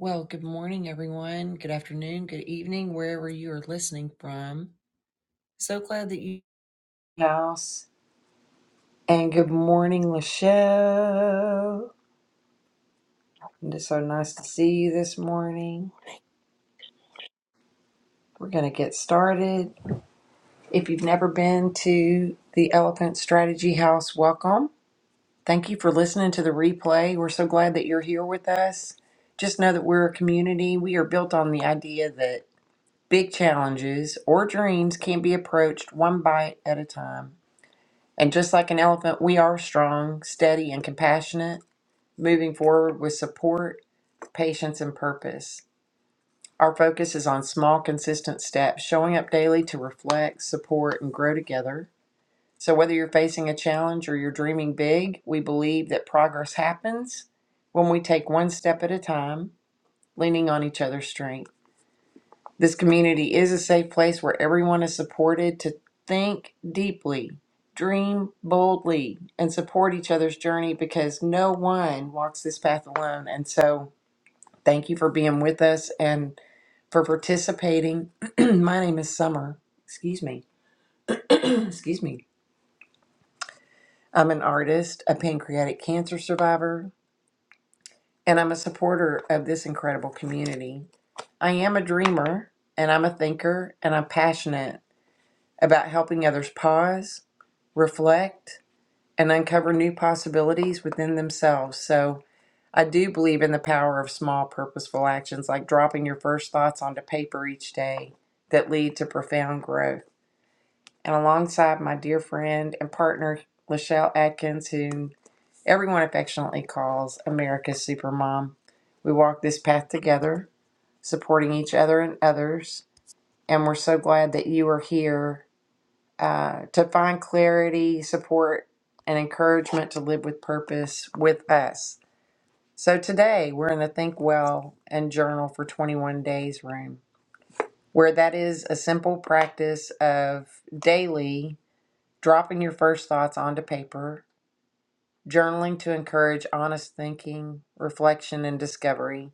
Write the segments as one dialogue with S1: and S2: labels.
S1: Well, good morning, everyone. Good afternoon, good evening, wherever you are listening from. So glad that you house. And good morning, Lachelle. It is so nice to see you this morning. We're going to get started. If you've never been to the Elephant Strategy House, welcome. Thank you for listening to the replay. We're so glad that you're here with us. Just know that we're a community. We are built on the idea that Big challenges or dreams can be approached one bite at a time. And just like an elephant, we are strong, steady, and compassionate, moving forward with support, patience, and purpose. Our focus is on small, consistent steps, showing up daily to reflect, support, and grow together. So, whether you're facing a challenge or you're dreaming big, we believe that progress happens when we take one step at a time, leaning on each other's strength. This community is a safe place where everyone is supported to think deeply, dream boldly, and support each other's journey because no one walks this path alone. And so, thank you for being with us and for participating. My name is Summer. Excuse me. Excuse me. I'm an artist, a pancreatic cancer survivor, and I'm a supporter of this incredible community. I am a dreamer and I'm a thinker and I'm passionate about helping others pause, reflect, and uncover new possibilities within themselves. So, I do believe in the power of small, purposeful actions like dropping your first thoughts onto paper each day that lead to profound growth. And alongside my dear friend and partner, Lachelle Atkins, who everyone affectionately calls America's Supermom, we walk this path together, supporting each other and others. And we're so glad that you are here uh, to find clarity, support, and encouragement to live with purpose with us. So today we're in the Think Well and Journal for 21 Days room, where that is a simple practice of daily dropping your first thoughts onto paper, journaling to encourage honest thinking, reflection, and discovery.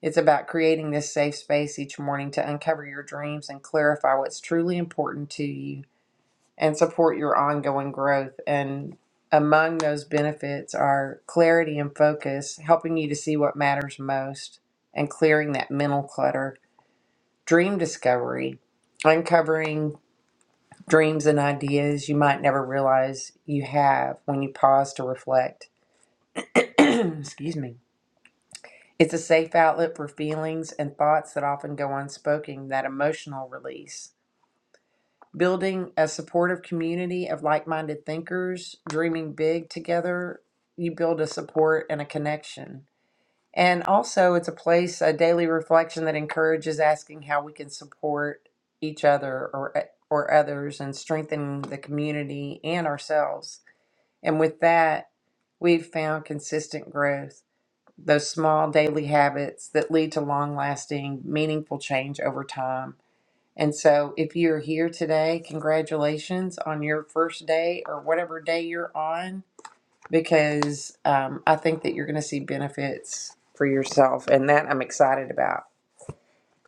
S1: It's about creating this safe space each morning to uncover your dreams and clarify what's truly important to you. and support your ongoing growth. And among those benefits are clarity and focus, helping you to see what matters most and clearing that mental clutter, dream discovery, uncovering dreams and ideas you might never realize you have when you pause to reflect. Excuse me. It's a safe outlet for feelings and thoughts that often go unspoken, that emotional release building a supportive community of like-minded thinkers dreaming big together you build a support and a connection and also it's a place a daily reflection that encourages asking how we can support each other or eh, or others and strengthen the community and ourselves and with that we've found consistent growth those small daily habits that lead to long-lasting meaningful change over time and so, if you're here today, congratulations on your first day or whatever day you're on, because um, I think that you're going to see benefits for yourself. And that I'm excited about.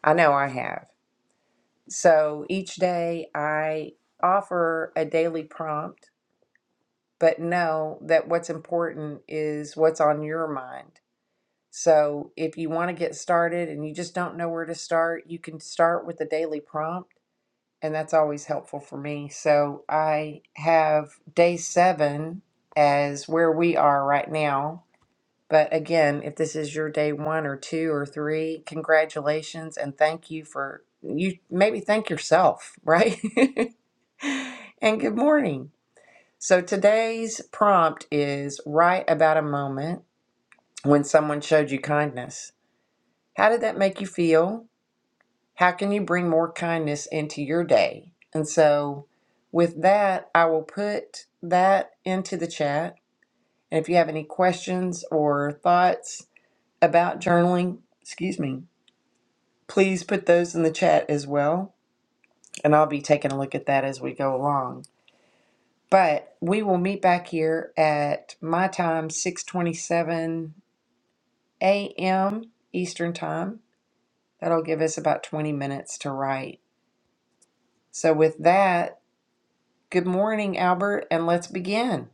S1: I know I have. So, each day I offer a daily prompt, but know that what's important is what's on your mind. So, if you want to get started and you just don't know where to start, you can start with the daily prompt and that's always helpful for me. So I have day seven as where we are right now. But again, if this is your day one or two or three, congratulations and thank you for you maybe thank yourself, right? and good morning. So today's prompt is write about a moment when someone showed you kindness. How did that make you feel? How can you bring more kindness into your day? And so, with that, I will put that into the chat. And if you have any questions or thoughts about journaling, excuse me, please put those in the chat as well. And I'll be taking a look at that as we go along. But we will meet back here at my time, 6:27 a.m. Eastern Time. That'll give us about 20 minutes to write. So with that, Good morning, Albert, and let's begin.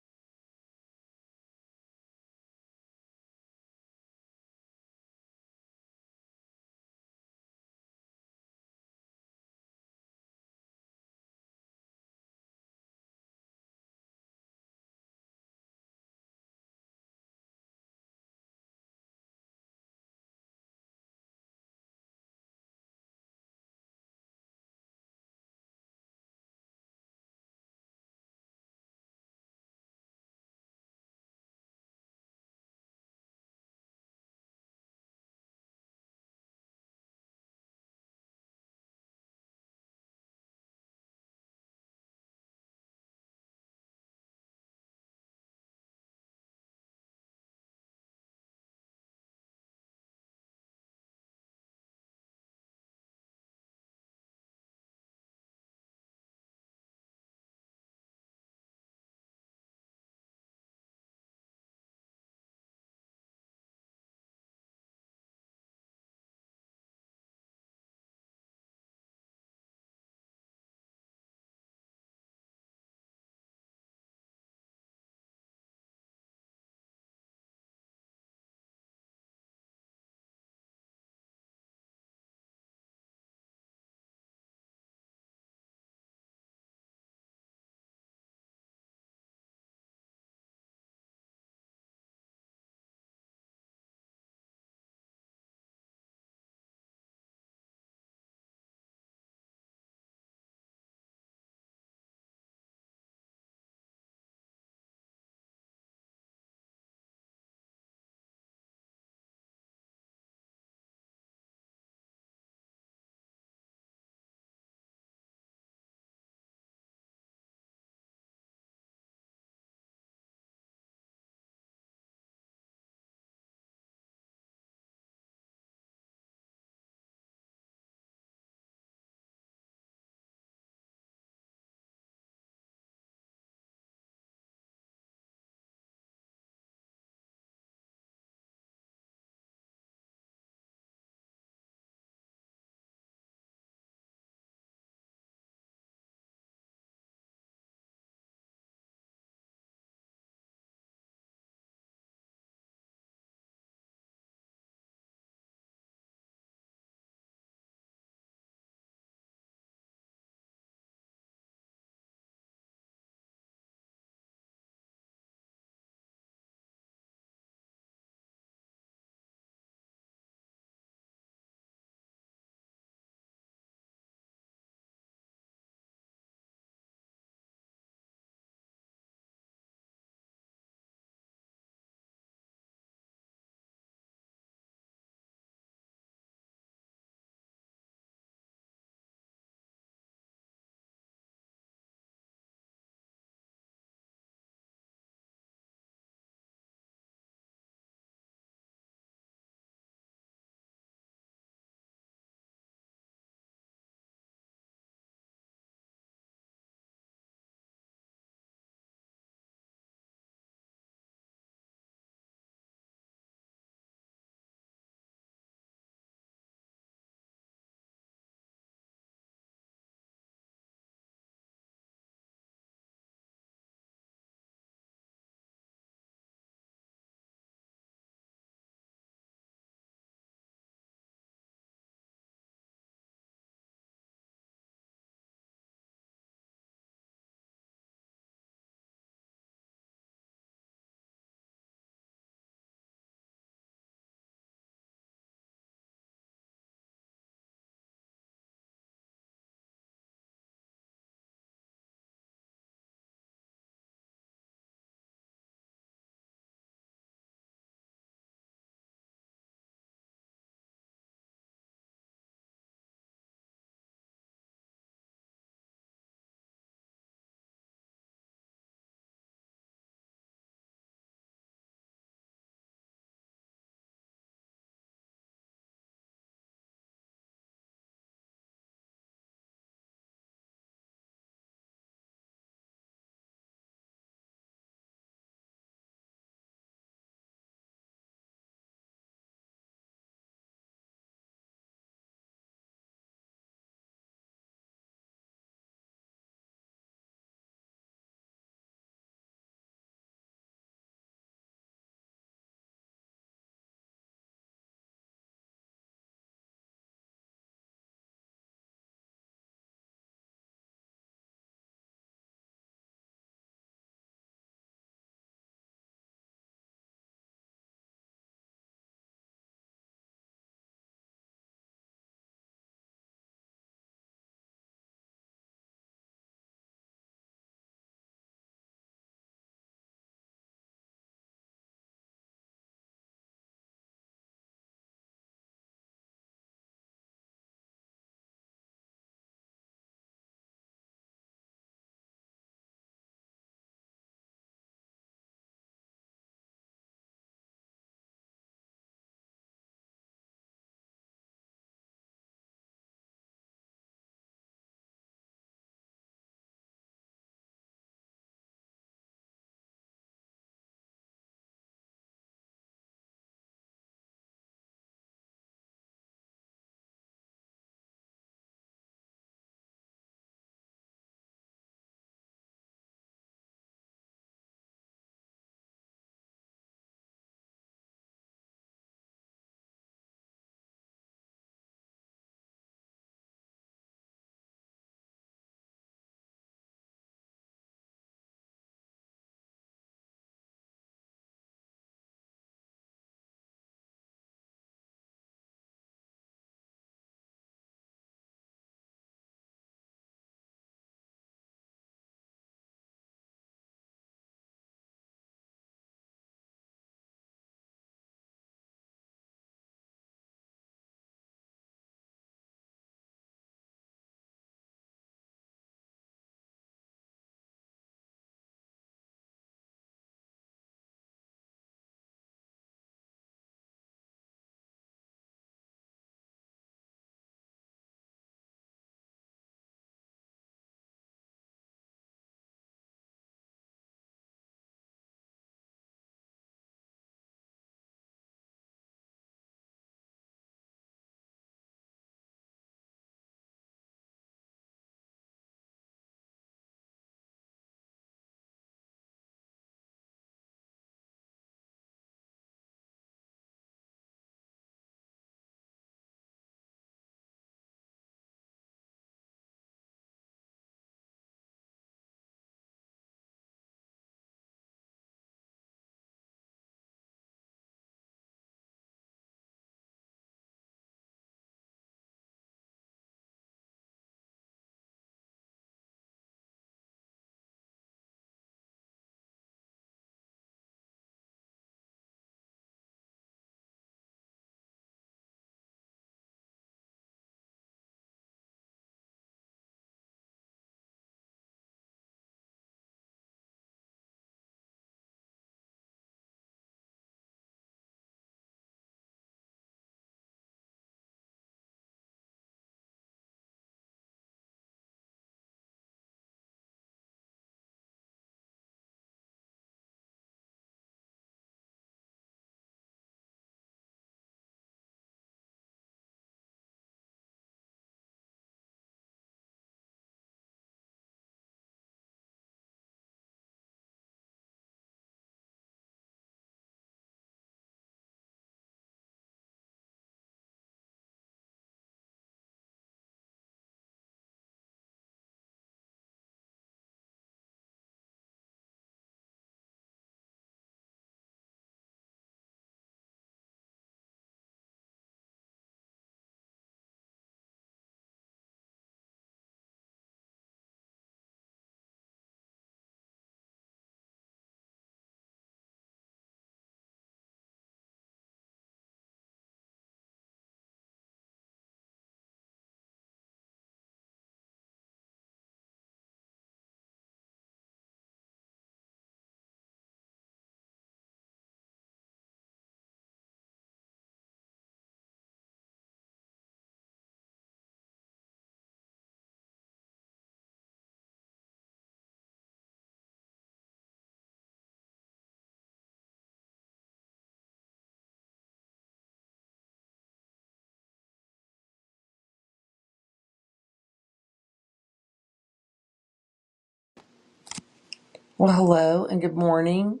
S1: Well, hello and good morning.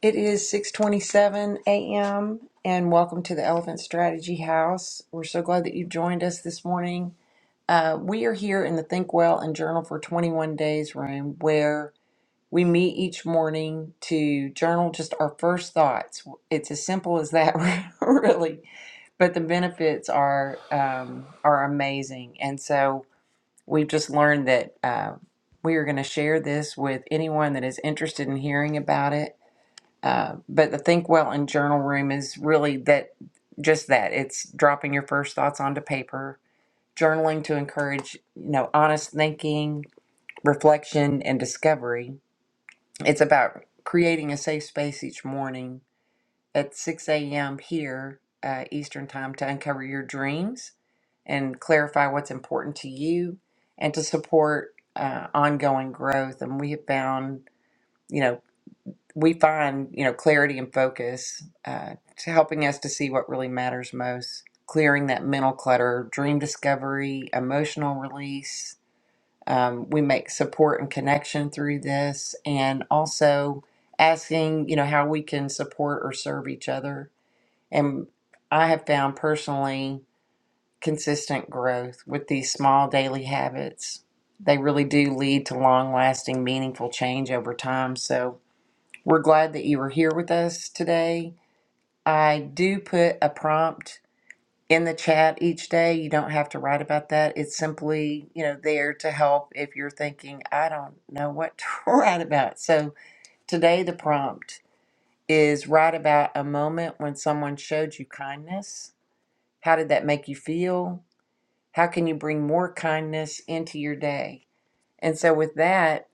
S1: It is 6:27 a.m. and welcome to the Elephant Strategy House. We're so glad that you've joined us this morning. Uh, we are here in the Think Well and Journal for 21 Days room where we meet each morning to journal just our first thoughts. It's as simple as that, really. But the benefits are um, are amazing, and so We've just learned that uh, we are going to share this with anyone that is interested in hearing about it. Uh, but the Think Well and Journal Room is really that just that it's dropping your first thoughts onto paper, journaling to encourage, you know, honest thinking, reflection, and discovery. It's about creating a safe space each morning at 6 a.m. here, uh, Eastern Time, to uncover your dreams and clarify what's important to you and to support uh, ongoing growth. And we have found, you know, we find, you know, clarity and focus uh, to helping us to see what really matters most, clearing that mental clutter, dream discovery, emotional release. Um, we make support and connection through this and also asking, you know, how we can support or serve each other and I have found personally consistent growth with these small daily habits. They really do lead to long lasting, meaningful change over time. So we're glad that you were here with us today. I do put a prompt in the chat each day. You don't have to write about that. It's simply, you know, there to help if you're thinking, I don't know what to write about. So today the prompt is write about a moment when someone showed you kindness how did that make you feel? How can you bring more kindness into your day? And so, with that,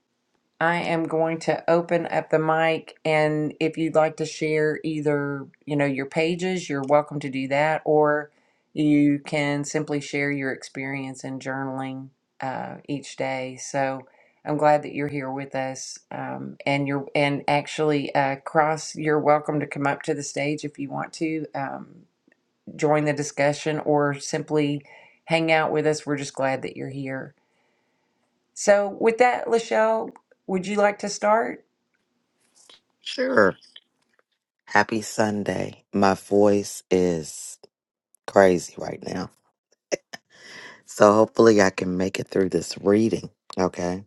S1: I am going to open up the mic. And if you'd like to share either, you know, your pages, you're welcome to do that, or you can simply share your experience in journaling uh, each day. So, I'm glad that you're here with us. Um, and you're and actually, uh, Cross, you're welcome to come up to the stage if you want to. Um, join the discussion or simply hang out with us. We're just glad that you're here. So, with that, Lachelle, would you like to start?
S2: Sure. Happy Sunday. My voice is crazy right now. So hopefully I can make it through this reading. Okay.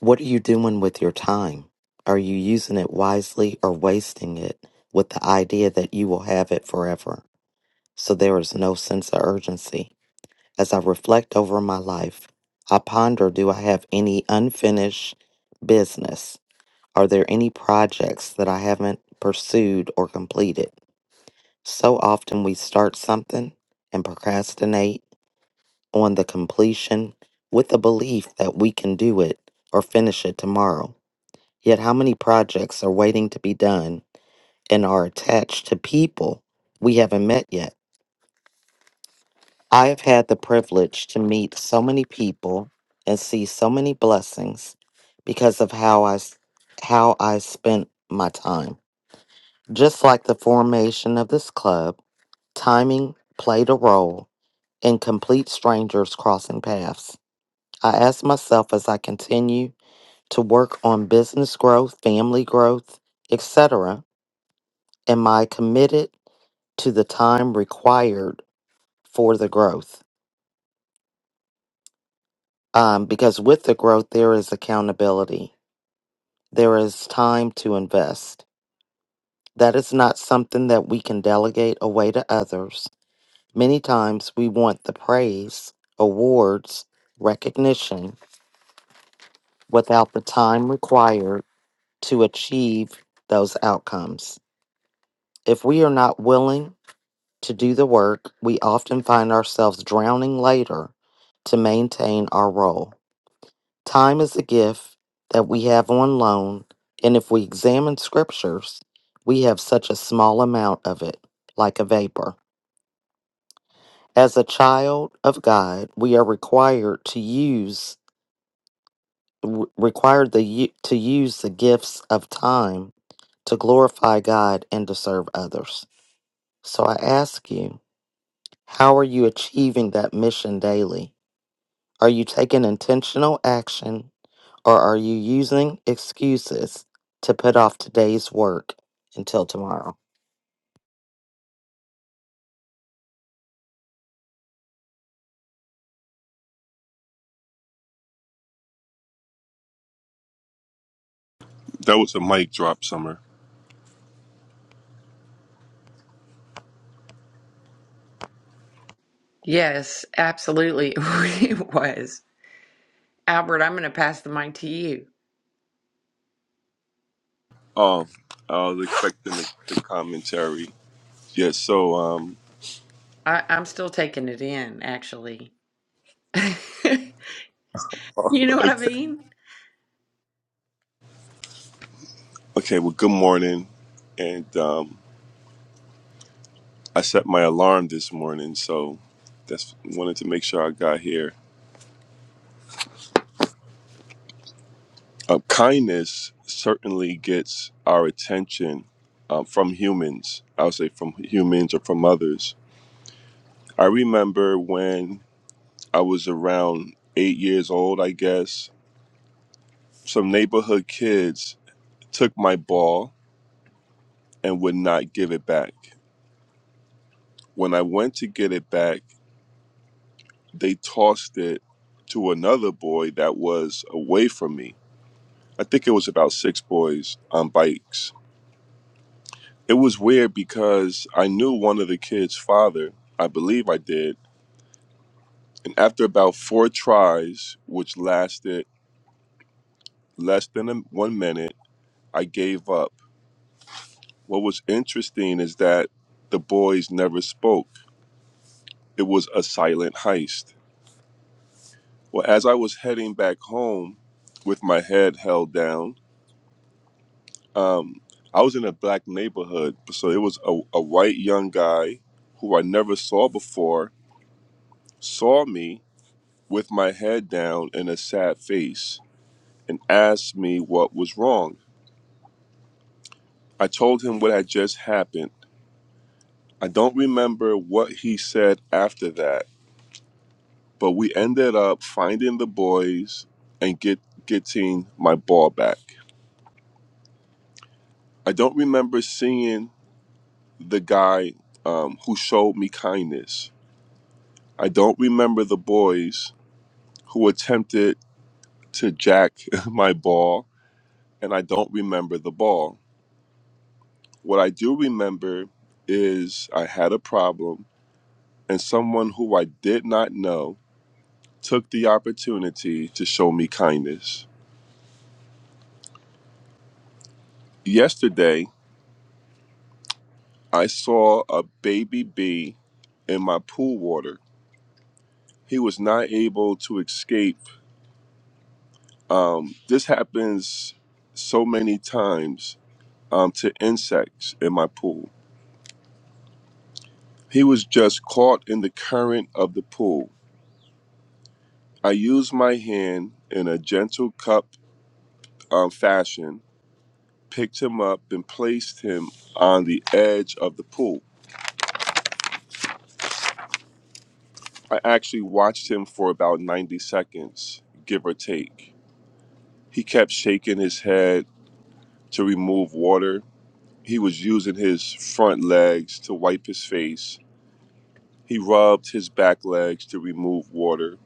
S2: What are you doing with your time? Are you using it wisely or wasting it with the idea that you will have it forever? So there is no sense of urgency. As I reflect over my life, I ponder do I have any unfinished business? Are there any projects that I haven't pursued or completed? So often we start something and procrastinate on the completion with the belief that we can do it or finish it tomorrow. Yet, how many projects are waiting to be done and are attached to people we haven't met yet? I have had the privilege to meet so many people and see so many blessings because of how I, s- how I spent my time. Just like the formation of this club, timing played a role and complete strangers crossing paths. I ask myself as I continue to work on business growth, family growth, etc., am I committed to the time required for the growth? Um, because with the growth, there is accountability, there is time to invest. That is not something that we can delegate away to others. Many times we want the praise, awards, recognition without the time required to achieve those outcomes. If we are not willing to do the work, we often find ourselves drowning later to maintain our role. Time is a gift that we have on loan, and if we examine scriptures, we have such a small amount of it, like a vapor. As a child of God, we are required to use w- required the u- to use the gifts of time to glorify God and to serve others. So I ask you, how are you achieving that mission daily? Are you taking intentional action or are you using excuses to put off today's work until tomorrow?
S3: That was a mic drop, Summer.
S1: Yes, absolutely. It was. Albert, I'm going to pass the mic to you.
S3: Oh, I was expecting the, the commentary. Yeah, so, um,
S1: I, I'm still taking it in, actually. You know what I
S3: okay,
S1: mean?
S3: okay, well, good morning. And um, I set my alarm this morning, so that's wanted to make sure I got here. Uh, kindness certainly gets our attention uh, from humans. I would say from humans or from others. I remember when I was around eight years old, I guess, some neighborhood kids took my ball and would not give it back. When I went to get it back, they tossed it to another boy that was away from me. I think it was about six boys on bikes. It was weird because I knew one of the kids' father, I believe I did, and after about four tries, which lasted less than a, one minute, I gave up. What was interesting is that the boys never spoke. It was a silent heist Well, as I was heading back home with my head held down, um, I was in a black neighborhood. So it was a, a white young guy who I never saw before, saw me with my head down and a sad face and asked me what was wrong. I told him what had just happened. I don't remember what he said after that, but we ended up finding the boys and get getting my ball back. I don't remember seeing the guy um, who showed me kindness. I don't remember the boys who attempted to jack my ball, and I don't remember the ball. What I do remember is I had a problem, and someone who I did not know took the opportunity to show me kindness. Yesterday, I saw a baby bee in my pool water. He was not able to escape Um, this happens so many times um, to insects in my pool. He was just caught in the current of the pool. I used my hand in a gentle cup um, fashion, picked him up, and placed him on the edge of the pool. I actually watched him for about 90 seconds, give or take. He kept shaking his head to remove water. He was using his front legs to wipe his face He rubbed his back legs to remove water.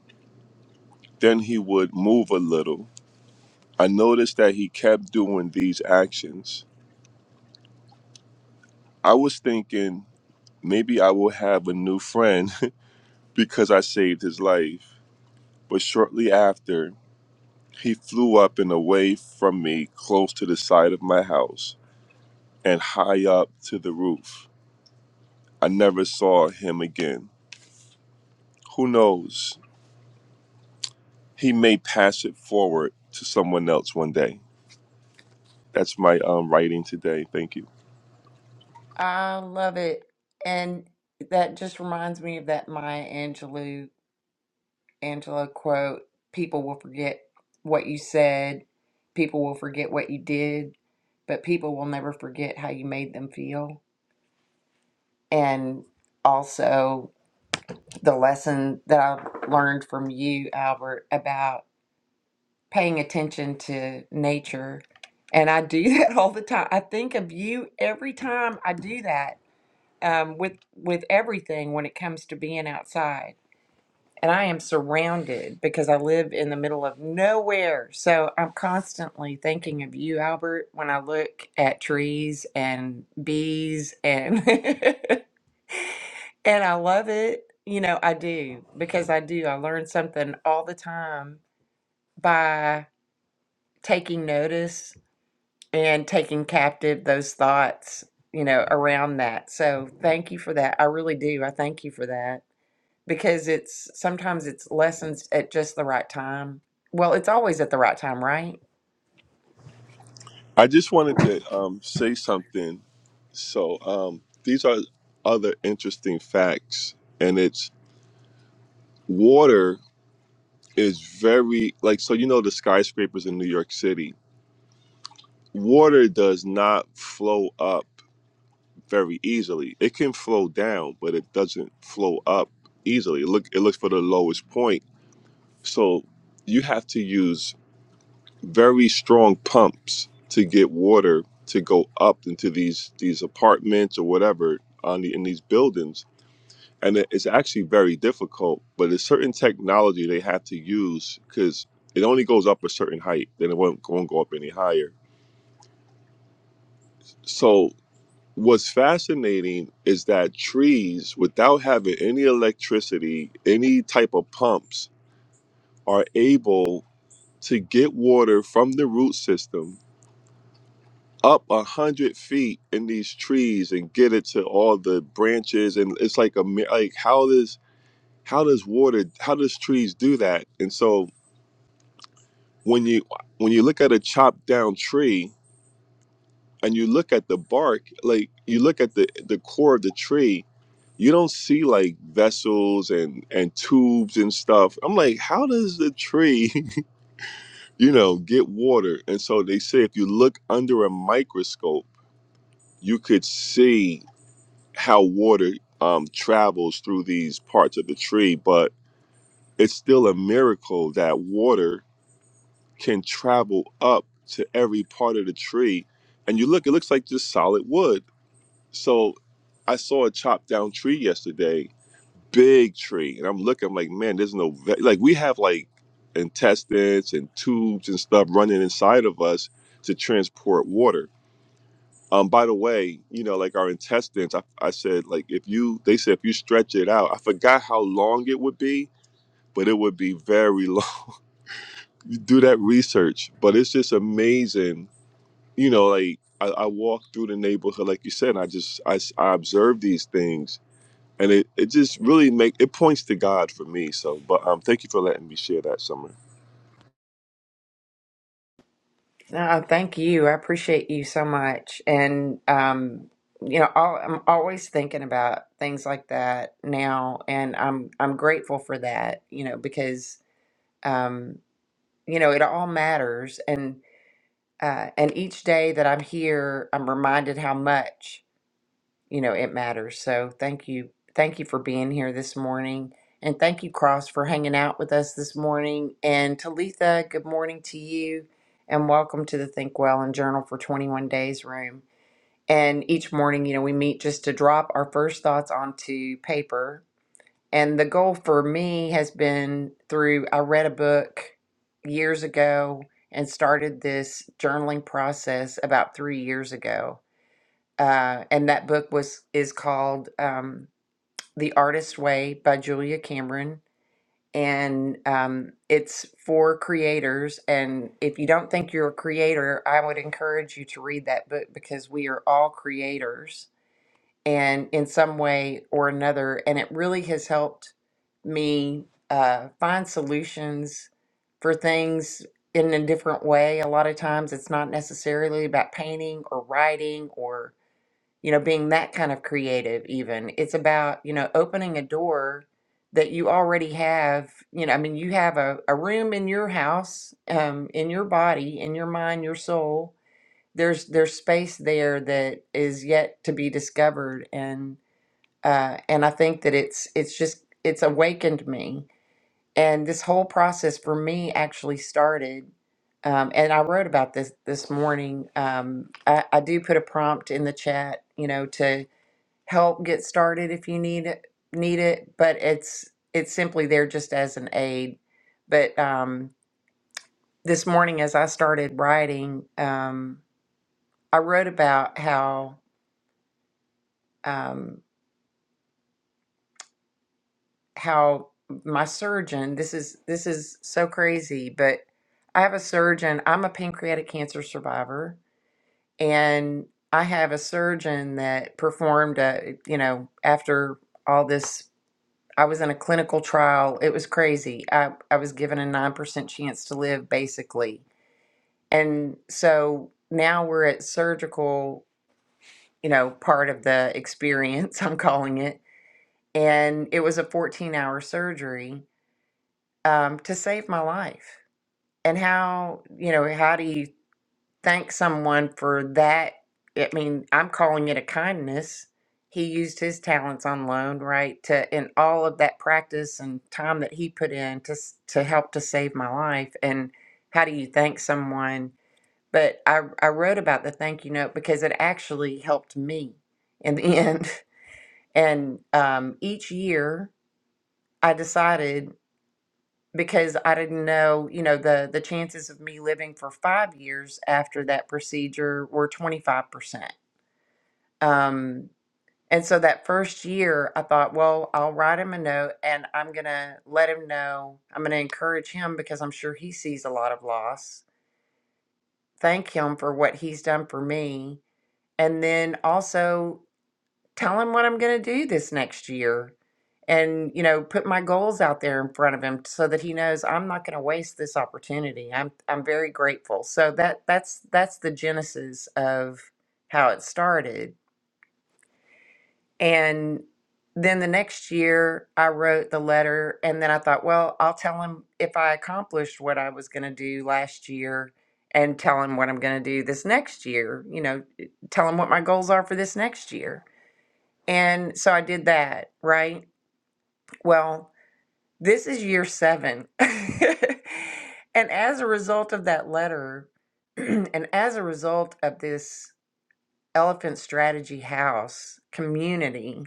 S3: Then he would move a little. I noticed that he kept doing these actions. I was thinking maybe I will have a new friend because I saved his life. But shortly after, he flew up and away from me close to the side of my house and high up to the roof. I never saw him again. Who knows? He may pass it forward to someone else one day. That's my um, writing today. Thank you.
S1: I love it. And that just reminds me of that Maya Angelou Angela quote, people will forget what you said, people will forget what you did, but people will never forget how you made them feel. And also the lesson that I learned from you, Albert, about paying attention to nature. And I do that all the time. I think of you every time I do that um, with with everything when it comes to being outside and I am surrounded because I live in the middle of nowhere. So I'm constantly thinking of you, Albert, when I look at trees and bees and and I love it. You know, I do because I do. I learn something all the time by taking notice and taking captive those thoughts, you know, around that. So thank you for that. I really do. I thank you for that. because it's sometimes it's lessons at just the right time. Well, it's always at the right time, right?
S3: I just wanted to um, say something. So um, these are other interesting facts, and it's water is very like so. You know the skyscrapers in New York City, water does not flow up very easily. It can flow down, but it doesn't flow up easily. It look, it looks for the lowest point. So you have to use very strong pumps to get water to go up into these these apartments or whatever on the, in these buildings and it- it's actually very difficult but there's certain technology they have to use because it only goes up a certain height then it won't, won't go up any higher so what's fascinating is that trees without having any electricity any type of pumps are able to get water from the root system up a hundred feet in these trees and get it to all the branches and it's like a mi- like how does how does water how does trees do that and so when you when you look at a chopped down tree and you look at the bark like you look at the the core of the tree you don't see like vessels and and tubes and stuff i'm like how does the tree you know get water and so they say if you look under a microscope you could see how water um, travels through these parts of the tree, but it's still a miracle that water can travel up to every part of the tree. And you look, it looks like just solid wood. So I saw a chopped down tree yesterday, big tree. And I'm looking, I'm like, man, there's no, ve-. like, we have like intestines and tubes and stuff running inside of us to transport water Um, by the way, you know, like our intestines, I, I said, like if you, they said if you stretch it out, I forgot how long it would be, but it would be very long. You do that research, but it's just amazing. You know, like I, I walk through the neighborhood, like you said, and I just, I, s- I observe these things and it, it just really make, it points to God for me. So, but um, thank you for letting me share that summer.
S1: No, thank you. I appreciate you so much. And um, you know, all, I'm always thinking about things like that now, and I'm I'm grateful for that. You know, because um, you know it all matters, and uh, and each day that I'm here, I'm reminded how much. you know, it matters. So thank you. Thank you for being here this morning. And thank you, Cross, for hanging out with us this morning. And Talitha, good morning to you. And welcome to the Think Well and Journal for 21 Days room. And each morning, you know, we meet just to drop our first thoughts onto paper. And the goal for me has been through, I read a book years ago and started this journaling process about three years ago uh, and that book was is called um, "The Artist Way" by Julia Cameron, and um, it's for creators. And if you don't think you're a creator, I would encourage you to read that book because we are all creators, and in some way or another. And it really has helped me uh, find solutions for things in a different way. A lot of times, it's not necessarily about painting or writing or you know, being that kind of creative, even. It's about, you know, opening a door that you already have. You know, I mean, you have a, a room in your house, um, in your body, in your mind, your soul. There's there's space there that is yet to be discovered, and uh, and I think that it's it's just it's awakened me, and this whole process for me actually started um, and I wrote about this this morning. Um, I, I do put a prompt in the chat, you know, to help get started if you need it need it but it's it's simply there just as an aid but um this morning as i started writing um i wrote about how um how my surgeon this is this is so crazy but i have a surgeon i'm a pancreatic cancer survivor and i have a surgeon that performed a you know after all this I was in a clinical trial. It was crazy. I, I was given a 9% chance to live, basically. And so now we're at surgical, you know, part of the experience, I'm calling it. And it was a 14 hour surgery um, to save my life. And how, you know, how do you thank someone for that. I mean, I'm calling it a kindness. He used his talents on loan, right? To in all of that practice and time that he put in to s- to help to save my life. And how do you thank someone? But I I wrote about the thank you note because it actually helped me in the end. And um, each year, I decided because I didn't know, you know, the the chances of me living for five years after that procedure were 25%. Um, and so that first year, I thought, well, I'll write him a note and I'm going to let him know. I'm going to encourage him because I'm sure he sees a lot of loss. Thank him for what he's done for me. And then also tell him what I'm going to do this next year and, you know, put my goals out there in front of him so that he knows I'm not going to waste this opportunity. I'm, I'm very grateful. So that, that's, that's the genesis of how it started And then the next year, I wrote the letter, and then I thought, well, I'll tell him if I accomplished what I was going to do last year and tell him what I'm going to do this next year, you know, eh, tell him what my goals are for this next year. And so I did that, right? Well, this is year seven. and as a result of that letter, and as a result of this elephant strategy house community,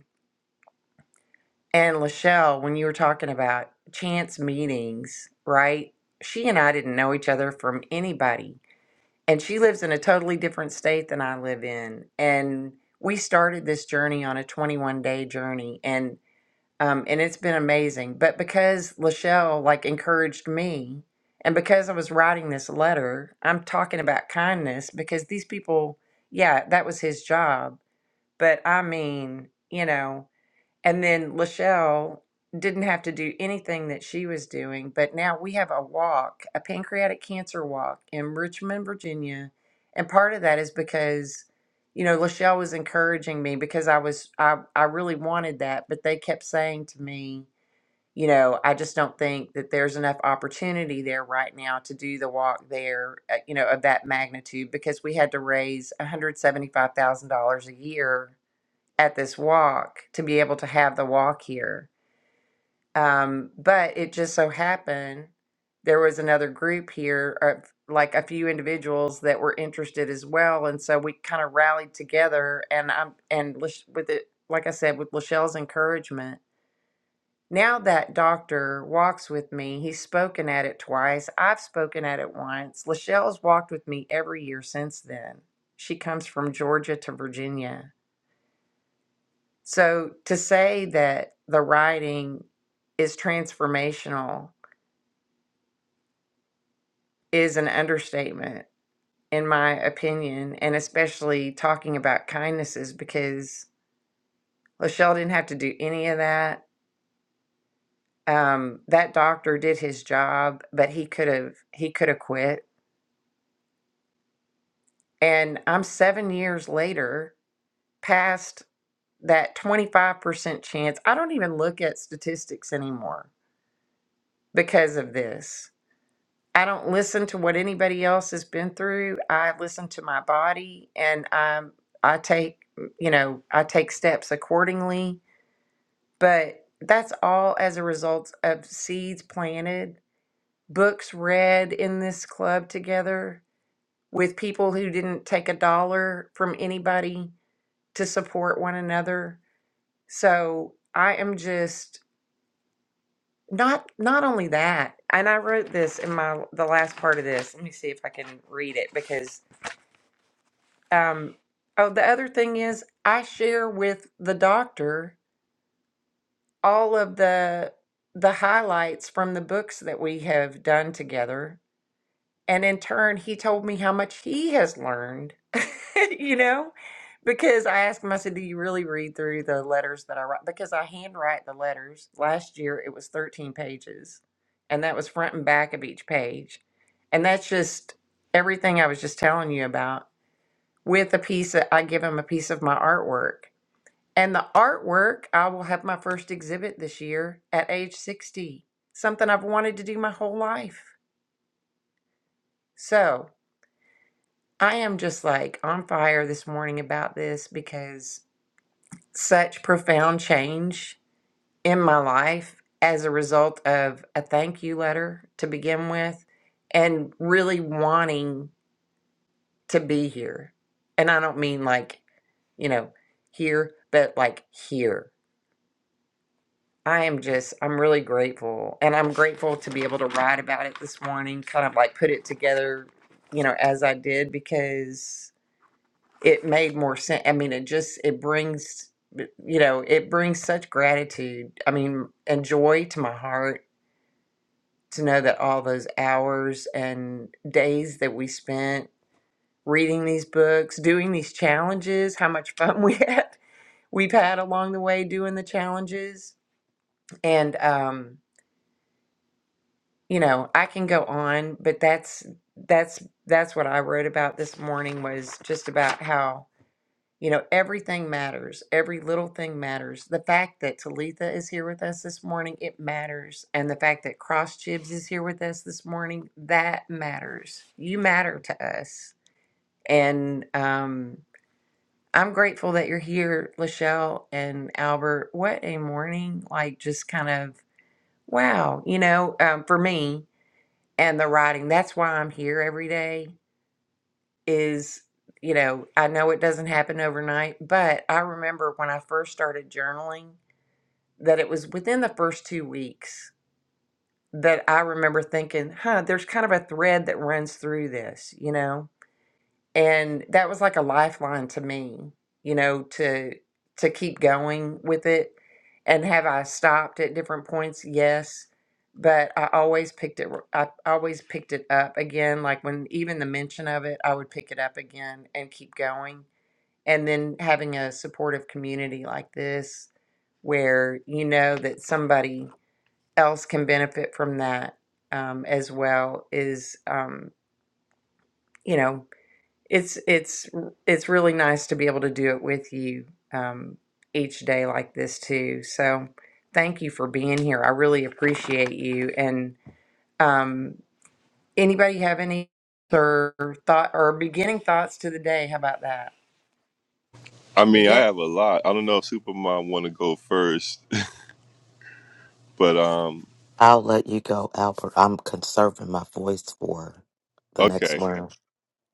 S1: And Lachelle, when you were talking about chance meetings, right? She and I didn't know each other from anybody. And she lives in a totally different state than I live in. And we started this journey on a 21 day journey. And um, and it's been amazing. But because Lachelle like encouraged me, and because I was writing this letter, I'm talking about kindness because these people, yeah, that was his job. But I mean, you know, and then Lachelle didn't have to do anything that she was doing, but now we have a walk, a pancreatic cancer walk in Richmond, Virginia. And part of that is because, you know, Lachelle was encouraging me because I was, I, I really wanted that, but they kept saying to me, you know, I just don't think that there's enough opportunity there right now to do the walk there, uh, you know, of that magnitude because we had to raise $175,000 a year at this walk to be able to have the walk here. Um, but it just so happened there was another group here of like a few individuals that were interested as well, and so we kind of rallied together. And I'm and Lish- with it, like I said, with Lachelle's encouragement. Now that doctor walks with me, he's spoken at it twice. I've spoken at it once. Lachelle's walked with me every year since then. She comes from Georgia to Virginia So to say that the writing is transformational is an understatement, in my opinion, and especially talking about kindnesses because Lachelle didn't have to do any of that. Um, that doctor did his job, but he could have he could have quit. And I'm seven years later past that 25% chance. I don't even look at statistics anymore because of this I don't listen to what anybody else has been through. I listen to my body and um I take mm, you know, I take steps accordingly, but that's all as a result of seeds planted, books read in this club together with people who didn't take a dollar from anybody to support one another. So, I am just not not only that, and I wrote this in my the last part of this. Let me see if I can read it because Um, oh, the other thing is I share with the doctor all of the the highlights from the books that we have done together. And in turn, he told me how much he has learned, you know, because I asked him, I said, Do you really read through the letters that I write? Because I handwrite the letters. Last year, it was 13 pages, and that was front and back of each page. And that's just everything I was just telling you about with a piece of, I give him a piece of my artwork. And the artwork, I will have my first exhibit this year at age 60, something I've wanted to do my whole life. So I am just like on fire this morning about this because such profound change in my life as a result of a thank you letter to begin with and really wanting to be here. And I don't mean like, you know, here, but like here I am just, I'm really grateful. And I'm grateful to be able to write about it this morning, kind of like put it together, you know, as I did, because it made more sense. I mean, it just, it brings, you know, it brings such gratitude, I mean, and joy to my heart to know that all those hours and days that we spent reading these books, doing these challenges, how much fun we had, we've had along the way doing the challenges. And, um, you know i can go on but that's that's that's what i wrote about this morning was just about how you know everything matters every little thing matters the fact that talitha is here with us this morning it matters and the fact that cross jibs is here with us this morning that matters you matter to us and um i'm grateful that you're here lachelle and albert what a morning like just kind of wow you know um, for me and the writing. That's why I'm here every day is, you know, I know it doesn't happen overnight, but I remember when I first started journaling that it was within the first 2 weeks that I remember thinking, "Huh, there's kind of a thread that runs through this, you know." and that was like a lifeline to me you know to to keep going with it and have i stopped at different points yes but i always picked it I always picked it up again like when even the mention of it i would pick it up again and keep going and then having a supportive community like this where you know that somebody else can benefit from that um, as well is um, you know it's it's it's really nice to be able to do it with you um, each day like this too. So thank you for being here. I really appreciate you. And um, anybody have any or thought or beginning thoughts to the day? How about that?
S3: I mean, I
S1: Begin.
S3: have a lot. I don't know if Supermom want to go first, but um,
S2: I'll let you go, Albert. I'm conserving my voice for the
S3: okay.
S2: next round.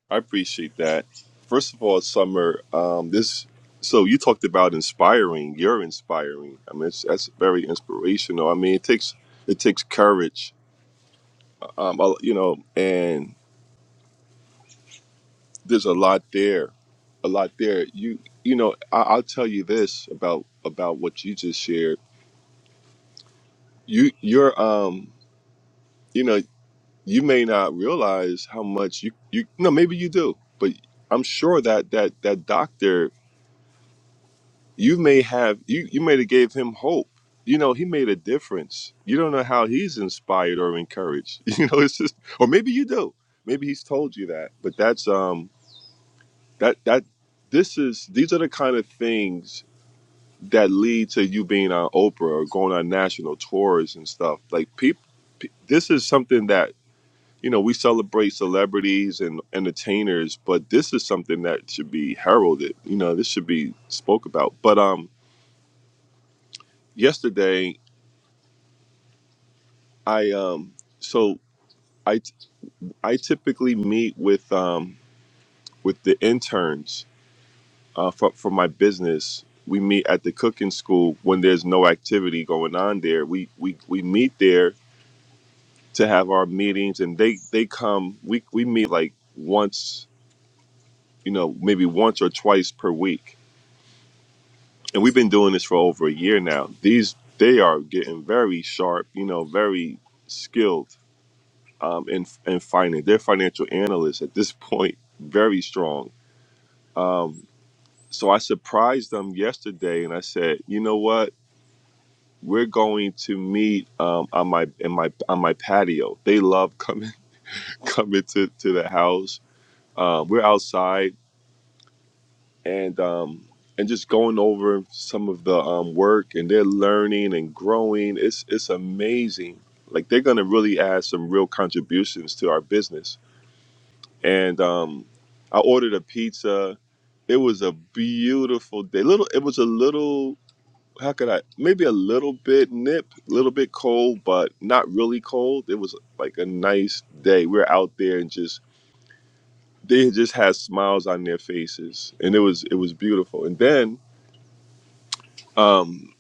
S3: I appreciate that. First of all, Summer, um, this so you talked about inspiring. You're inspiring. I mean, it's, that's very inspirational. I mean, it takes it takes courage, um, I- you know, and there's a lot there, a lot there. You you know, I, I'll tell you this about about what you just shared. You you're um you know you may not realize how much you you no maybe you do, but I'm sure that that that doctor you may have you you may have gave him hope you know he made a difference you don't know how he's inspired or encouraged you know it's just or maybe you do maybe he's told you that but that's um that that this is these are the kind of things that lead to you being on oprah or going on national tours and stuff like people this is something that you know we celebrate celebrities and entertainers but this is something that should be heralded you know this should be spoke about but um yesterday I um so I I typically meet with um with the interns uh for, for my business. We meet at the cooking school when there's no activity going on there. We we we meet there to have our meetings and they they come we we meet like once, you know, maybe once or twice per week. And we've been doing this for over a year now. These they are getting very sharp, you know, very skilled um, in in finance. They're financial analysts at this point, very strong. Um, so I surprised them yesterday, and I said, you know what? We're going to meet um, on my in my on my patio. They love coming coming to to the house. Um, we're outside and um, and just going over some of the um, work, and they're learning and growing. It's it's amazing. Like they're gonna really add some real contributions to our business and um, I ordered a pizza. It was a beautiful day. Little, it was a little. How could I? Maybe a little bit nip, a little bit cold, but not really cold. It was like a nice day. We were out there and just they just had smiles on their faces, and it was it was beautiful. And then um,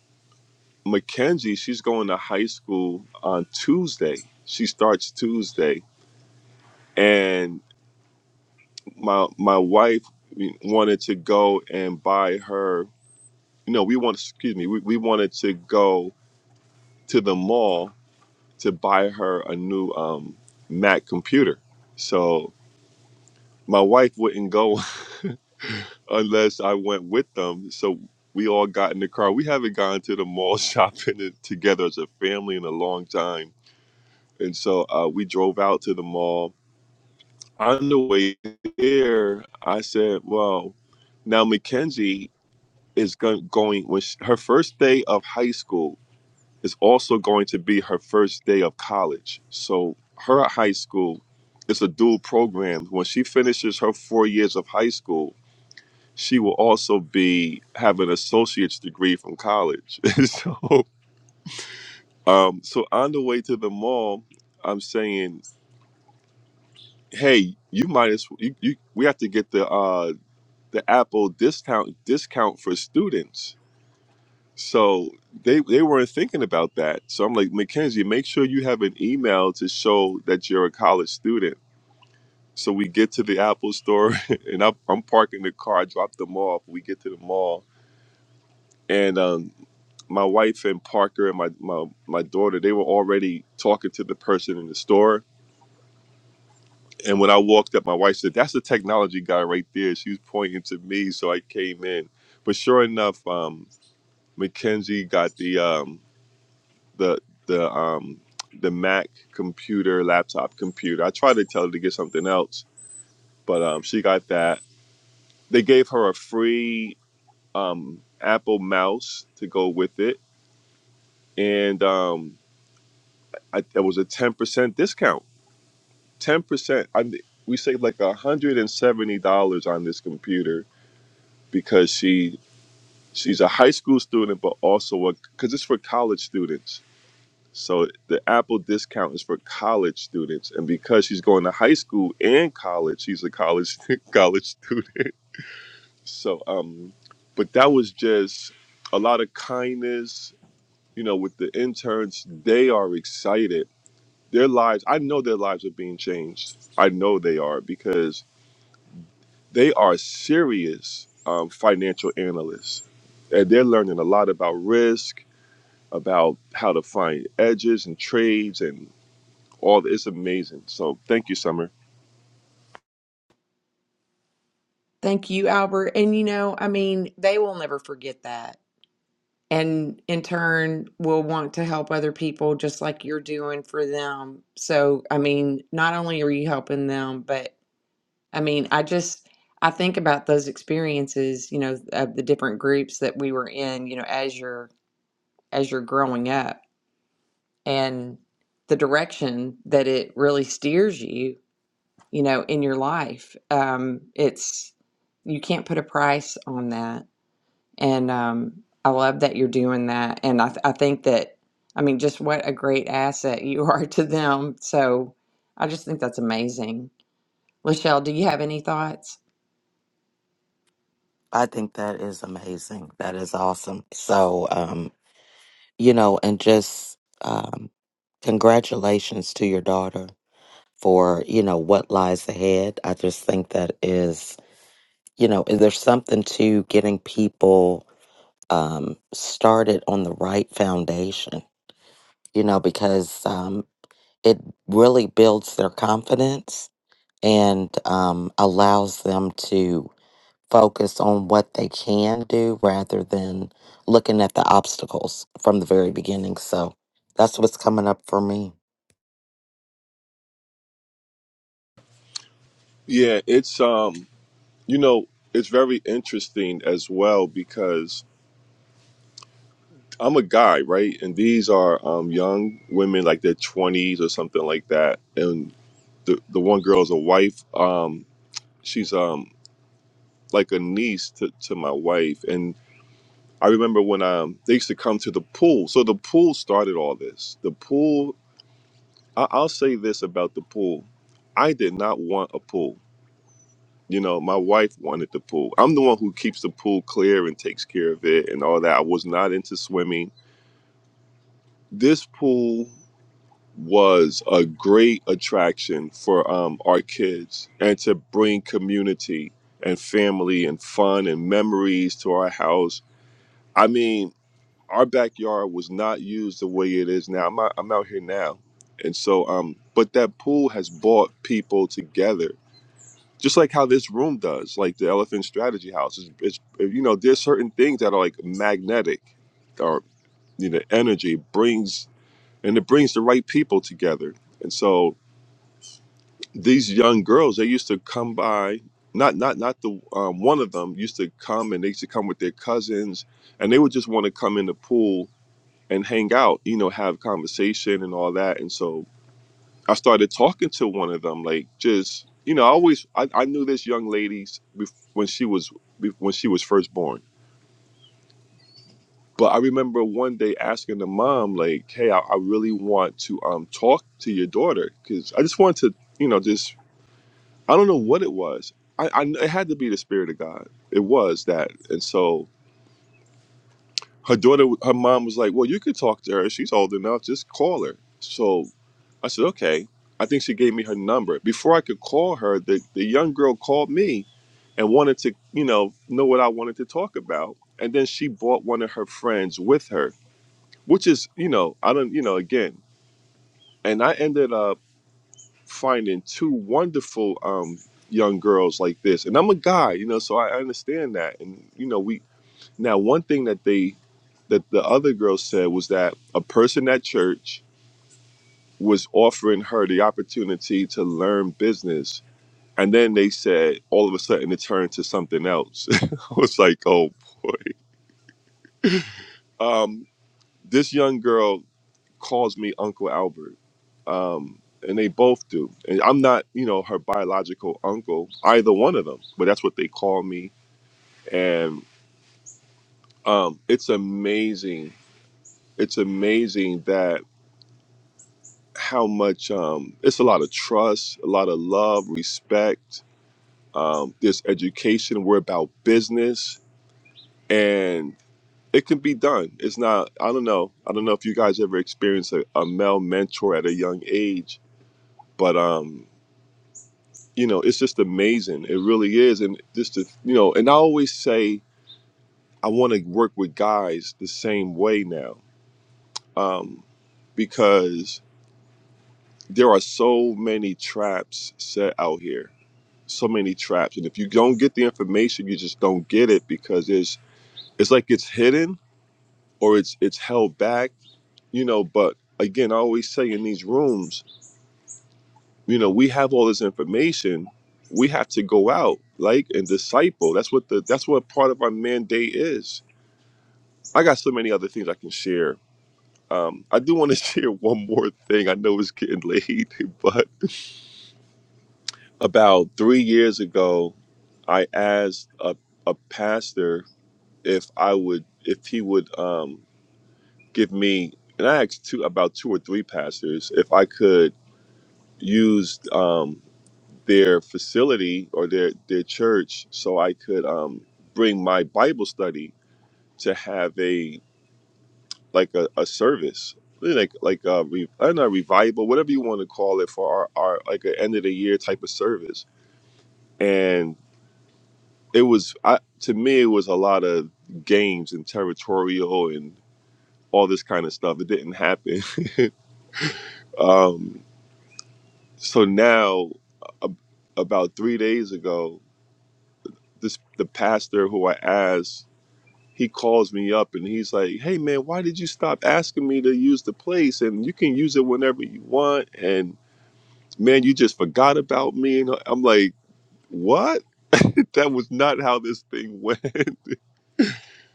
S3: Mackenzie, she's going to high school on Tuesday. She starts Tuesday, and my my wife wanted to go and buy her. no, we want excuse me, we, we wanted to go to the mall to buy her a new um, Mac computer. So my wife wouldn't go unless I went with them. So we all got in the car. We haven't gone to the mall shopping in- together as a family in a long time. And so uh, we drove out to the mall. On the way there, I said, "Well, now Mackenzie is go- going when she, her first day of high school. is also going to be her first day of college. So her high school is a dual program. When she finishes her four years of high school, she will also be have an associate's degree from college. so, um, so on the way to the mall, I'm saying, hey, you might as you, you we have to get the uh, the Apple discount discount for students. So they they weren't thinking about that. So I'm like, Mackenzie, make sure you have an email to show that you're a college student. So we get to the Apple store and I'm, I'm parking the car, I drop them off. We get to the mall and um, my wife and Parker and my, my, my daughter, they were already talking to the person in the store. And when I walked up, my wife said, that's the technology guy right there. She was pointing to me. So I came in. But sure enough, um, Mackenzie got the, um, the the um the Mac computer, laptop computer. I tried to tell her to get something else, but um, she got that. They gave her a free um, Apple mouse to go with it, and um, I, it was a ten percent discount. Ten percent. I mean, we saved like a hundred and seventy dollars on this computer because she she's a high school student, but also a because it's for college students So the Apple discount is for college students, and because she's going to high school and college, she's a college college student. So, um, but that was just a lot of kindness. You know, with the interns, they are excited. Their lives, I know their lives are being changed. I know they are because they are serious um, financial analysts, and they're learning a lot about risk, about how to find edges and trades, all it's amazing. So thank you, Summer.
S1: Thank you, Albert. And you know, I mean, they will never forget that. And in turn, will want to help other people just like you're doing for them. So, I mean, not only are you helping them, but I mean, I just I think about those experiences, you know, of the different groups that we were in, you know, as you're as you're growing up and the direction that it really steers you, you know, in your life. Um, it's you can't put a price on that. And um, I love that you're doing that. And I, th- I think that, I mean, just what a great asset you are to them. So I just think that's amazing. Lachelle, do you have any thoughts?
S2: I think that is amazing. That is awesome. So, um, you know, and just um, congratulations to your daughter for, you know, what lies ahead. I just think that is you know, is there something to getting people um, started on the right foundation? You know, because um, it really builds their confidence and um, allows them to focus on what they can do rather than looking at the obstacles from the very beginning. So that's what's coming up for me.
S3: Yeah, it's um, you know, it's very interesting as well because I'm a guy, right? And these are um young women like their twenties or something like that. And the the one girl is a wife. Um, she's um like a niece to, to my wife. And I remember when um they used to come to the pool. So the pool started all this. The pool I, I'll say this about the pool. I did not want a pool. You know, my wife wanted the pool. I'm the one who keeps the pool clear and takes care of it and all that. I was not into swimming. This pool was a great attraction for um, our kids and to bring community and family and fun and memories to our house. I mean, our backyard was not used the way it is now. I'm out, I'm out here now. And so, um, but that pool has brought people together just like how this room does, like the Elephant Strategy House. It's, it's you know, there's certain things that are like magnetic, or you know, energy brings and it brings the right people together. And so these young girls, they used to come by. Not not not the um, one of them used to come and they used to come with their cousins, and they would just want to come in the pool and hang out, you know, have conversation and all that. And so I started talking to one of them, like just you know, I always I, I knew this young lady's bef- when she was bef- when she was first born. But I remember one day asking the mom, like, "Hey, I, I really want to um talk to your daughter because I just wanted to, you know, just I don't know what it was. I, I it had to be the spirit of God. It was that, and so her daughter, her mom was like, "Well, you could talk to her. She's old enough. Just call her." So I said, okay. I think she gave me her number. Before I could call her, the, the young girl called me and wanted to, you know, know what I wanted to talk about. And then she brought one of her friends with her, which is, you know, I don't, you know, again. And I ended up finding two wonderful um, young girls like this. And I'm a guy, you know, so I understand that. And, you know, we, now one thing that they, that the other girl said was that a person at church was offering her the opportunity to learn business And then they said all of a sudden it turned to something else. I was like, oh boy. Um, this young girl calls me Uncle Albert. Um, and they both do. And I'm not, you know, her biological uncle, either one of them, but that's what they call me. And um, it's amazing. It's amazing that how much um, it's a lot of trust, a lot of love, respect. Um, there's education. We're about business and. It can be done. It's not. I don't know. I don't know if you guys ever experienced a, a male mentor at a young age, but um, you know, it's just amazing. It really is, and just to, you know, and I always say I want to work with guys the same way now, um, because there are so many traps set out here, so many traps, and if you don't get the information, you just don't get it because it's it's like it's hidden or it's it's held back you know but again i always say in these rooms you know we have all this information we have to go out like and disciple that's what the that's what part of our mandate is i got so many other things i can share um, i do want to share one more thing i know it's getting late but about three years ago i asked a, a pastor if i would if he would um, give me and i asked two about two or three pastors if i could use. um, their facility or their their church so I could um bring my Bible study to have a like a, a service really like like a re, I don't know revival whatever you want to call it for our, our like an end of the year type of service and it was I, to me it was a lot of games and territorial and all this kind of stuff it didn't happen um so now a, about 3 days ago this the pastor who I asked he calls me up and he's like, "Hey man, why did you stop asking me to use the place? And you can use it whenever you want. And man, you just forgot about me." And I'm like, "What? That was not how this thing went."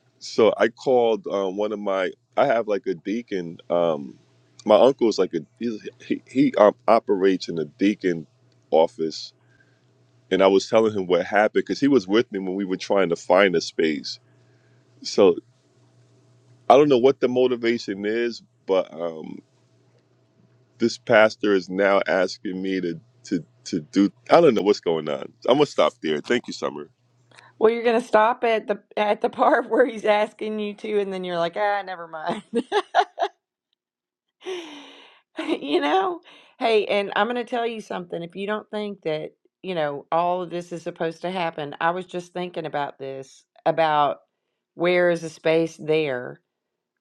S3: so I called um, one of my. I have like a deacon. Um, my uncle is like a he's, he he um, operates in a deacon office, and I was telling him what happened because he was with me when we were trying to find a space. So I don't know what the motivation is, but um this pastor is now asking me to to to do. I don't know what's going on. I'm gonna stop there. Thank you, Summer.
S1: Well, you're gonna stop at the at the part where he's asking you to, and then you're like, ah, never mind. You know? Hey, and I'm gonna tell you something. If you don't think that, you know, all of this is supposed to happen, I was just thinking about this, about where is the space there?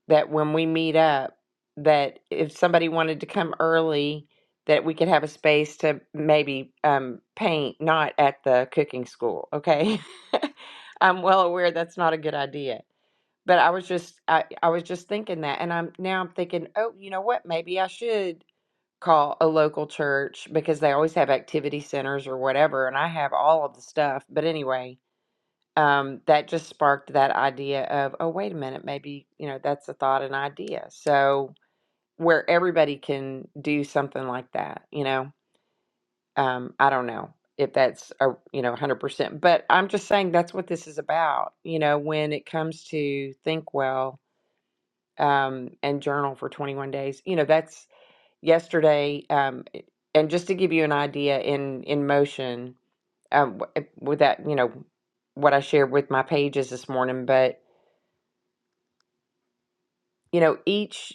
S1: that when we meet up, that if somebody wanted to come early, that we could have a space to maybe um, paint, not at the cooking school. Okay, I'm well aware that's not a good idea, but I was just I, I was just thinking that, and I'm now I'm thinking, oh, you know what? Maybe I should call a local church because they always have activity centers or whatever, and I have all of the stuff. But anyway, um, that just sparked that idea of, oh, wait a minute, maybe, you know, that's a thought an idea. So where everybody can do something like that, you know, um, I don't know if that's a, you know, 100%, but I'm just saying that's what this is about, you know, when it comes to think well, um, and journal for 21 days, you know, that's yesterday. Um, it- and just to give you an idea in, in motion, um, w- eh, with that, you know, what I shared with my pages this morning, but you know each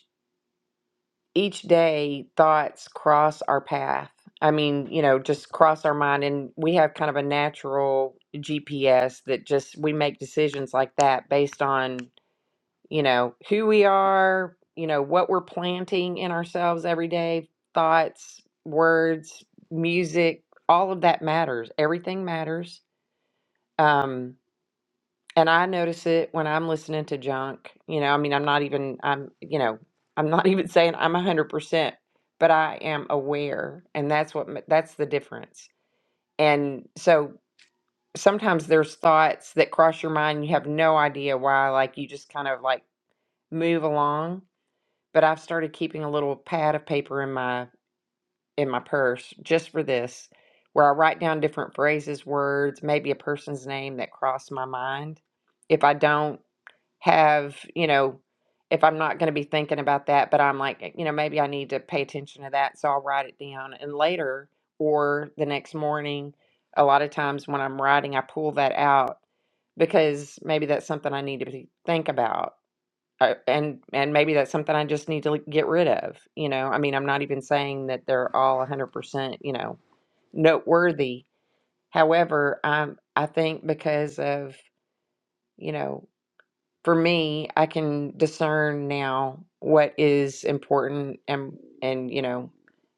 S1: each day thoughts cross our path i mean you know just cross our mind and we have kind of a natural gps that just we make decisions like that based on you know who we are you know what we're planting in ourselves every day thoughts words music all of that matters everything matters Um And I notice it when I'm listening to junk. You know, I mean, I'm not even, I'm, you know, I'm not even saying I'm 100%, but I am aware. And that's what, ma- that's the difference. And so sometimes there's thoughts that cross your mind. You have no idea why, like you just kind of like move along. But I've started keeping a little pad of paper in my, in my purse just for this, where I write down different phrases, words, maybe a person's name that crossed my mind. If I don't, have, you know, if I'm not going to be thinking about that, but I'm like, you know, maybe I need to pay attention to that. So I'll write it down. And later or the next morning, a lot of times when I'm writing, I pull that out because maybe that's something I need to be, think about. Uh, and and maybe that's something I just need to like, get rid of. You know, I mean, I'm not even saying that they're all 100%, you know, noteworthy. However, I'm I think because of, you know, for me, I can discern now what is important and and you know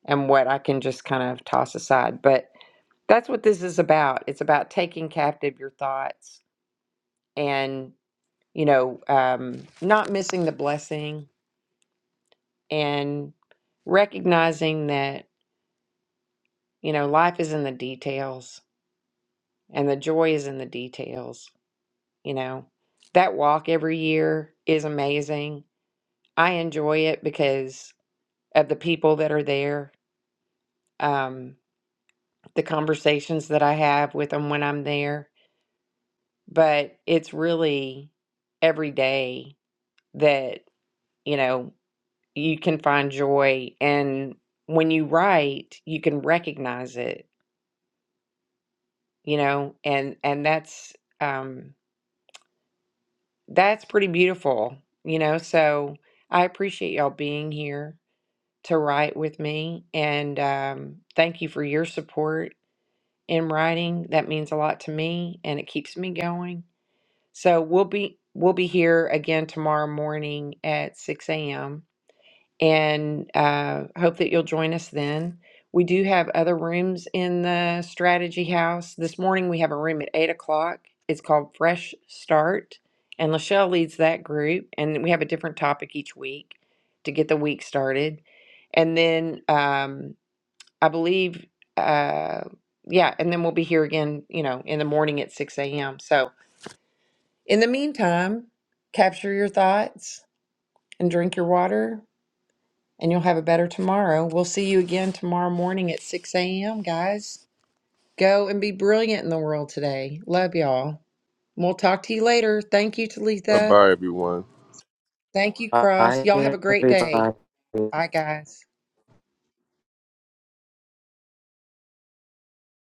S1: and what I can just kind of toss aside. But that's what this is about. It's about taking captive your thoughts and you know um, not missing the blessing and recognizing that you know life is in the details and the joy is in the details. You know that walk every year is amazing. I enjoy it because of the people that are there, um, the conversations that I have with them when I'm there. But it's really every day that, you know, you can find joy. And when you write, you can recognize it, you know, and, and that's, um, that's pretty beautiful, you know. So I appreciate y'all being here to write with me. And um, thank you for your support in writing. That means a lot to me and it keeps me going. So we'll be we'll be here again tomorrow morning at 6 a.m. and uh, hope that you'll join us then. We do have other rooms in the strategy house. This morning we have a room at eight o'clock. It's called Fresh Start, and Lachelle leads that group. And we have a different topic each week to get the week started. And then um, I believe, uh, yeah, and then we'll be here again, you know, in the morning at 6 a.m. So, in the meantime, capture your thoughts and drink your water, and you'll have a better tomorrow. We'll see you again tomorrow morning at 6 a.m., guys. Go and be brilliant in the world today. Love y'all. We'll talk to you later. Thank you,
S3: Bye
S1: Talitha.
S3: bye, everyone.
S1: Thank you, Cross. Y'all have a great day. Bye, guys.